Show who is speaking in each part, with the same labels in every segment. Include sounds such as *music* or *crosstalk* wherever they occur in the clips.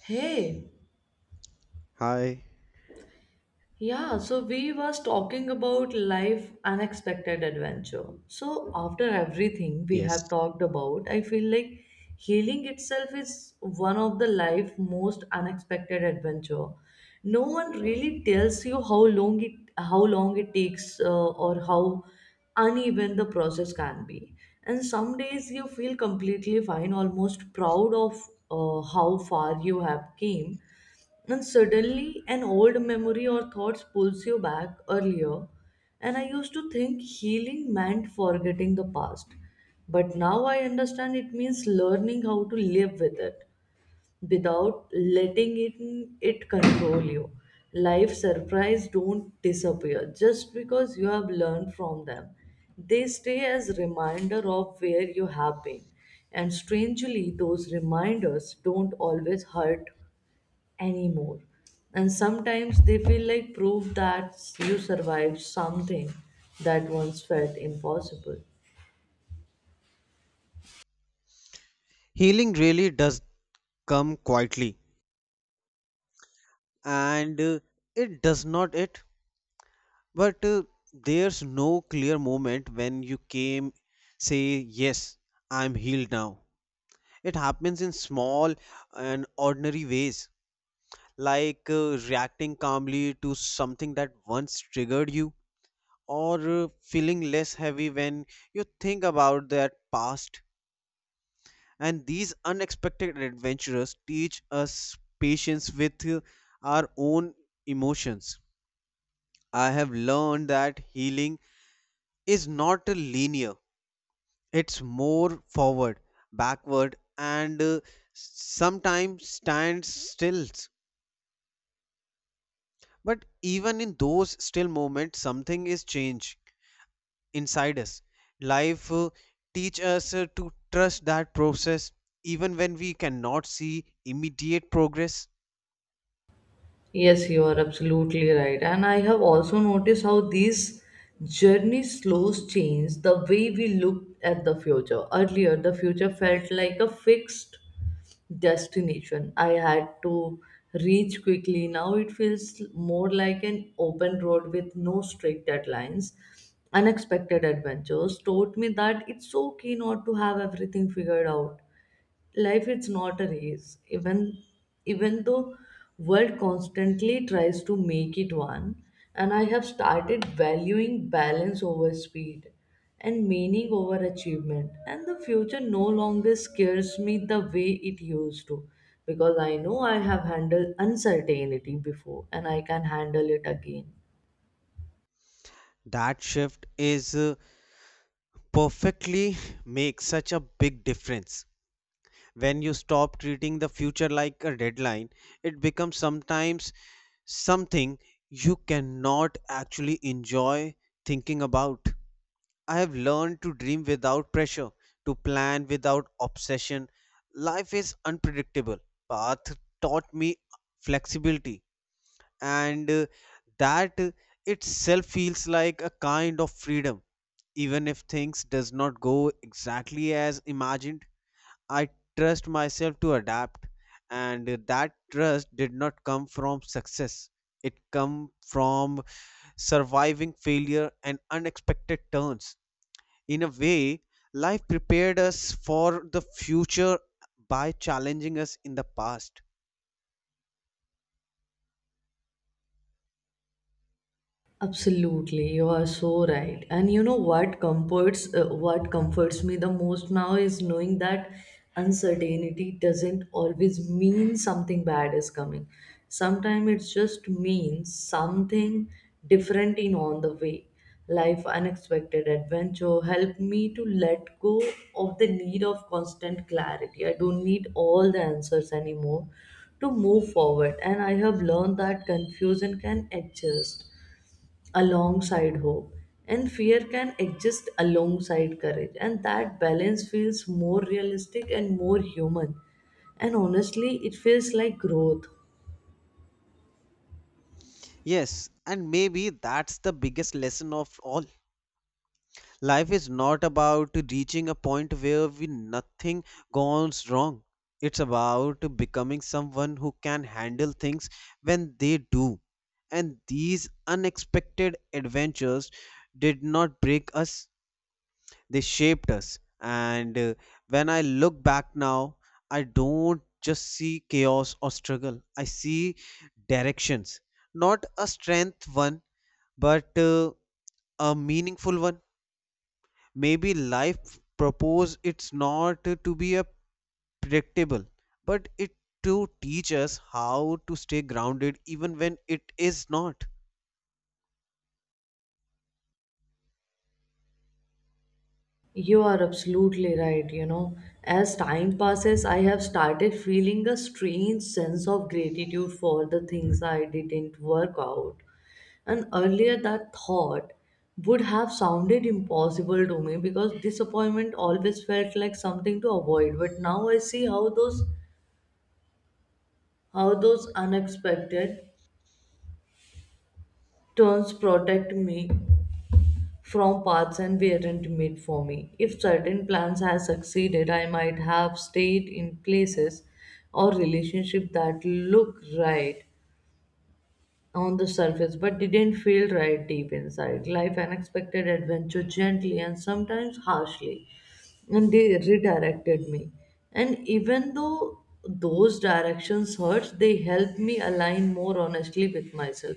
Speaker 1: Hey,
Speaker 2: Hi.
Speaker 1: yeah, so we was talking about life unexpected adventure. So after everything we have
Speaker 2: Yes.
Speaker 1: talked about, I feel like healing itself is one of the life most unexpected adventure. No one really tells you how long it takes or how uneven the process can be. And some days you feel completely fine, almost proud of how far you have came. And suddenly, an old memory or thoughts pulls you back earlier. And I used to think healing meant forgetting the past. But now I understand it means learning how to live with it without letting it control you. Life surprise don't disappear just because you have learned from them. They stay as reminder of where you have been. And strangely, those reminders don't always hurt anymore. And sometimes they feel like proof that you survived something that once felt impossible.
Speaker 2: Healing really does come quietly and it does not it, but there's no clear moment when you came say yes, I'm healed now. It happens in small and ordinary ways, like reacting calmly to something that once triggered you, or feeling less heavy when you think about that past. And these unexpected adventures teach us patience with our own emotions. I have learned that healing is not a linear, it's more forward, backward, and sometimes stands still. But even in those still moments, something is changed inside us. Life teach us to trust that process even when we cannot see immediate progress.
Speaker 1: Yes, you are absolutely right. And I have also noticed how these journey slows change the way we look at the future. Earlier, the future felt like a fixed destination I had to reach quickly. Now it feels more like an open road with no strict deadlines. Unexpected adventures taught me that it's okay not to have everything figured out. Life is not a race, even though world constantly tries to make it one. And I have started valuing balance over speed and meaning over achievement. And the future no longer scares me the way it used to, because I know I have handled uncertainty before and I can handle it again.
Speaker 2: That shift is perfectly makes such a big difference. When you stop treating the future like a deadline, it becomes sometimes something you cannot actually enjoy thinking about. I have learned to dream without pressure, to plan without obsession. Life is unpredictable. Path taught me flexibility and that itself feels like a kind of freedom even if things does not go exactly as imagined. I trust myself to adapt, and that trust did not come from success, it come from surviving failure and unexpected turns. In a way, life prepared us for the future by challenging us in the past.
Speaker 1: Absolutely, you are so right. And you know what comforts me the most now is knowing that uncertainty doesn't always mean something bad is coming. Sometimes it just means something different in on the way. Life unexpected adventure helped me to let go of the need of constant clarity. I don't need all the answers anymore to move forward, and I have learned that confusion can adjust alongside hope, and fear can exist alongside courage, and that balance feels more realistic and more human. And honestly, it feels like growth.
Speaker 2: Yes, and maybe that's the biggest lesson of all. Life is not about reaching a point where we nothing goes wrong. It's about becoming someone who can handle things when they do. And these unexpected adventures did not break us, they shaped us. And when I look back now, I don't just see chaos or struggle. I see directions. Not a strength one, but a meaningful one. Maybe life propose it's not to be a predictable, but it to teach us how to stay grounded even when it is not.
Speaker 1: You are absolutely right, you know. As time passes, I have started feeling a strange sense of gratitude for the things I didn't work out. And earlier that thought would have sounded impossible to me, because disappointment always felt like something to avoid. But now I see how those unexpected turns protect me from paths and weren't made for me. If certain plans had succeeded, I might have stayed in places or relationships that look right on the surface but didn't feel right deep inside. Life unexpected adventure gently and sometimes harshly and they redirected me. And even though those directions hurt, they helped me align more honestly with myself.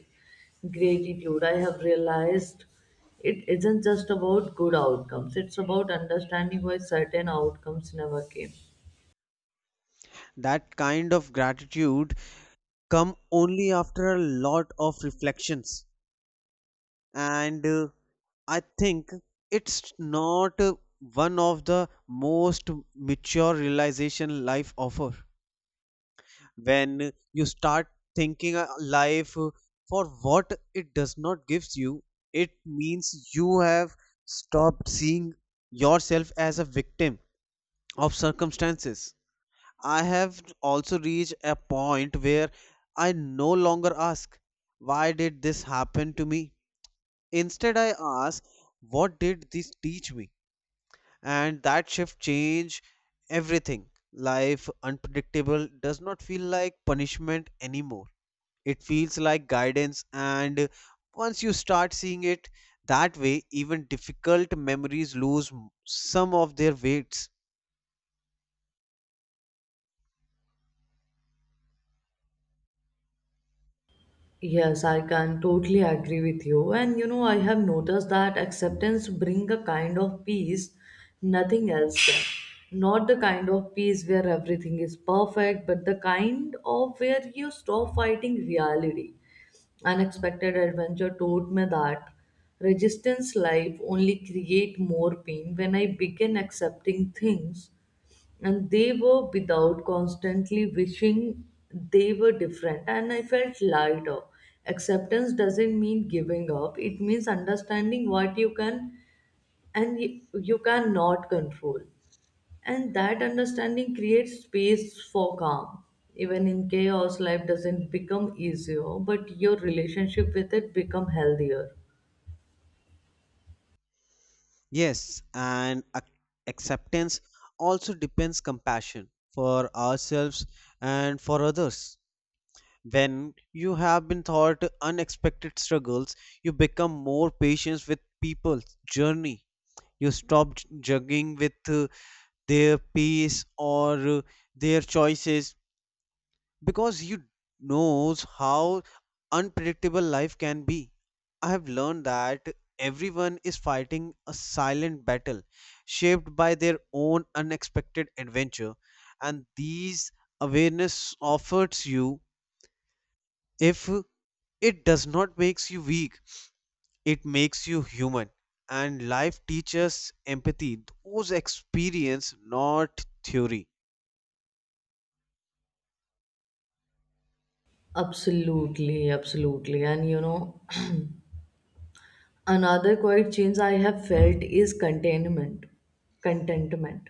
Speaker 1: Gratitude, I have realized, it isn't just about good outcomes, it's about understanding why certain outcomes never came.
Speaker 2: That kind of gratitude come only after a lot of reflections, and I think it's not one of the most mature realization life offer. When you start thinking a life for what it does not gives you, it means you have stopped seeing yourself as a victim of circumstances. I have also reached a point where I no longer ask, why did this happen to me? Instead, I ask, what did this teach me? And that shift changed everything. Life unpredictable does not feel like punishment anymore, it feels like guidance, and once you start seeing it that way, even difficult memories lose some of their weights.
Speaker 1: Yes, I can totally agree with you. And you know, I have noticed that acceptance bring a kind of peace nothing else can. Not the kind of peace where everything is perfect, but the kind of where you stop fighting reality. Unexpected adventure taught me that resistance life only create more pain. When I begin accepting things and they were without constantly wishing they were different, and I felt lighter. Acceptance doesn't mean giving up, it means understanding what you can and you cannot control, and that understanding creates space for calm even in chaos. Life doesn't become easier, but your relationship with it become healthier.
Speaker 2: Yes, and acceptance also depends compassion for ourselves and for others. When you have been taught unexpected struggles, you become more patient with people's journey. You stop judging with their pace or their choices, because he knows how unpredictable life can be. I have learned that everyone is fighting a silent battle shaped by their own unexpected adventure, and these awareness offers you, if it does not makes you weak, it makes you human. And life teaches empathy those experience, not theory.
Speaker 1: Absolutely, absolutely. And you know, *clears throat* another quiet change I have felt is containment, contentment,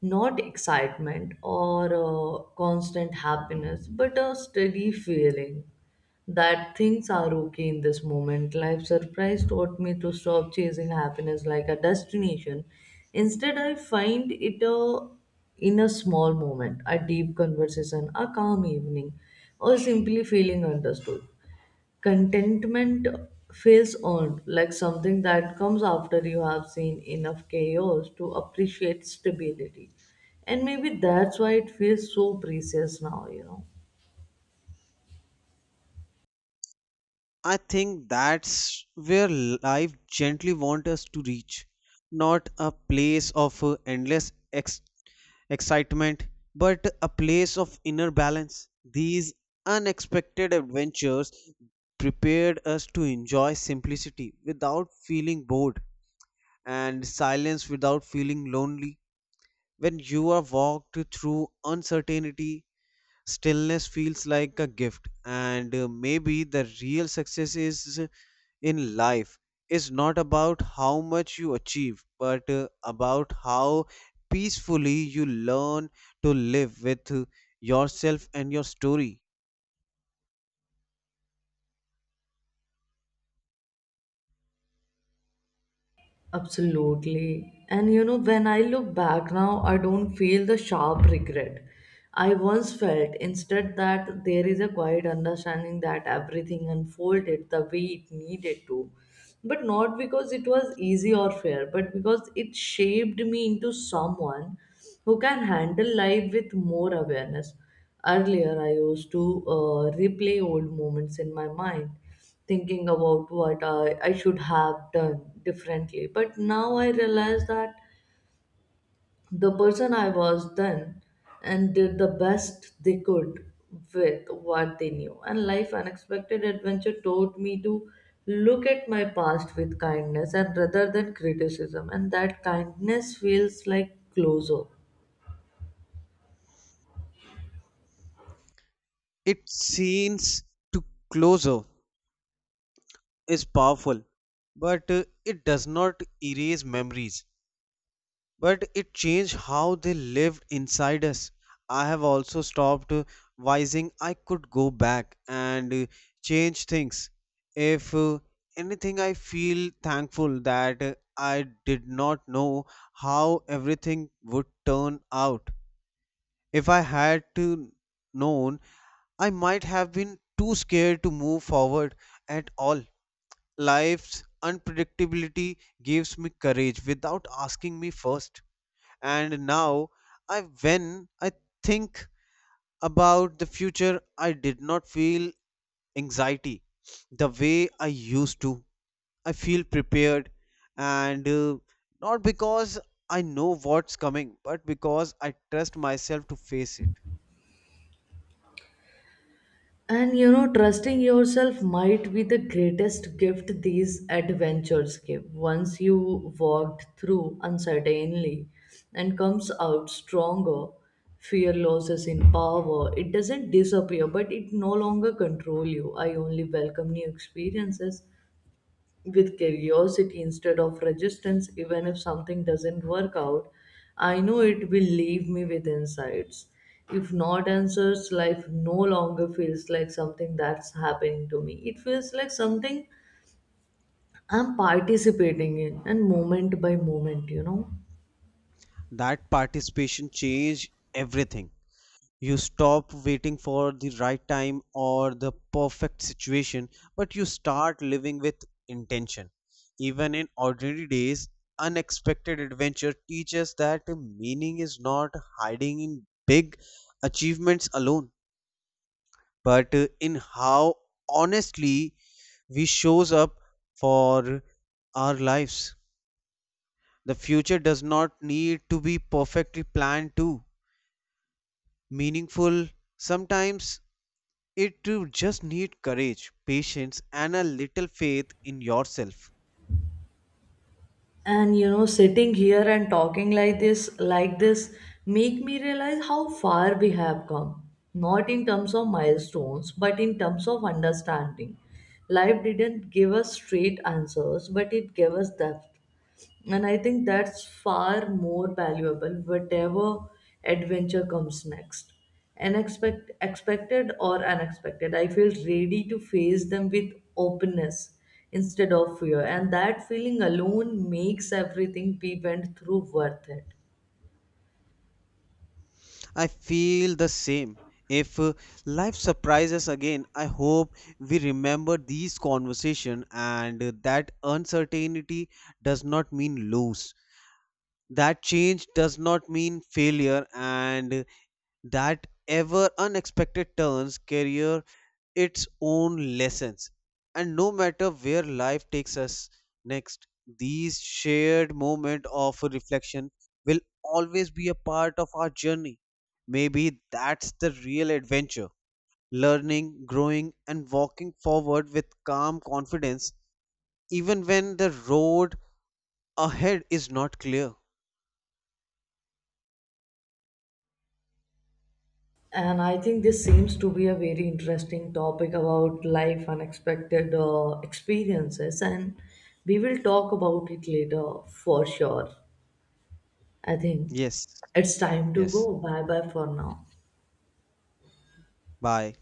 Speaker 1: not excitement or constant happiness, but a steady feeling that things are okay in this moment. Life surprise taught me to stop chasing happiness like a destination. Instead, I find it a in a small moment, a deep conversation, a calm evening, or simply feeling understood. Contentment feels earned, like something that comes after you have seen enough chaos to appreciate stability. And maybe that's why it feels so precious now, you know.
Speaker 2: I think that's where life gently wants us to reach. Not a place of endless excitement, but a place of inner balance. These unexpected adventures prepared us to enjoy simplicity without feeling bored, and silence without feeling lonely. When you are walked through uncertainty, stillness feels like a gift, and maybe the real success is in life is not about how much you achieve, but about how peacefully you learn to live with yourself and your story.
Speaker 1: Absolutely. And you know, when I look back now, I don't feel the sharp regret I once felt. Instead, that there is a quiet understanding that everything unfolded the way it needed to. But not because it was easy or fair, but because it shaped me into someone who can handle life with more awareness. Earlier, I used to replay old moments in my mind, thinking about what I should have done differently. But now I realize that the person I was then and did the best they could with what they knew. And life unexpected adventure taught me to look at my past with kindness and rather than criticism. And that kindness feels like closure.
Speaker 2: It seems to closer is powerful, but it does not erase memories, but it changed how they lived inside us. I have also stopped wising I could go back and change things. If anything, I feel thankful that I did not know how everything would turn out. If I had to known, I might have been too scared to move forward at all. Life's unpredictability gives me courage without asking me first, and now I when I think about the future I did not feel anxiety the way I used to. I feel prepared, and not because I know what's coming, but because I trust myself to face it.
Speaker 1: And you know, trusting yourself might be the greatest gift these adventures give. Once you walked through uncertainly and comes out stronger, fear loses in power. It doesn't disappear, but it no longer control you. I only welcome new experiences with curiosity instead of resistance. Even if something doesn't work out, I know it will leave me with insights, if not answers. Life no longer feels like something that's happening to me, it feels like something I'm participating in, and moment by moment, you know.
Speaker 2: That participation changed everything. You stop waiting for the right time or the perfect situation, but you start living with intention. Even in ordinary days, unexpected adventure teaches that meaning is not hiding in big achievements alone, but in how honestly we shows up for our lives. The future does not need to be perfectly planned to meaningful sometimes. It just need courage, patience, and a little faith in yourself.
Speaker 1: And you know, sitting here and talking like this make me realize how far we have come, not in terms of milestones but in terms of understanding. Life didn't give us straight answers, but it gave us depth, and I think that's far more valuable. Whatever adventure comes next, unexpected expected or unexpected, I feel ready to face them with openness instead of fear, and that feeling alone makes everything we went through worth it.
Speaker 2: I feel the same. If life surprises again, I hope we remember these conversation, and that uncertainty does not mean lose. That change does not mean failure, and that ever unexpected turns career its own lessons. And no matter where life takes us next, these shared moments of reflection will always be a part of our journey. Maybe that's the real adventure, learning, growing, and walking forward with calm confidence, even when the road ahead is not clear.
Speaker 1: And I think this seems to be a very interesting topic about life unexpected experiences, and we will talk about it later for sure. I think
Speaker 2: Yes,
Speaker 1: it's time to go.
Speaker 2: yes.
Speaker 1: Bye bye for now.
Speaker 2: Bye.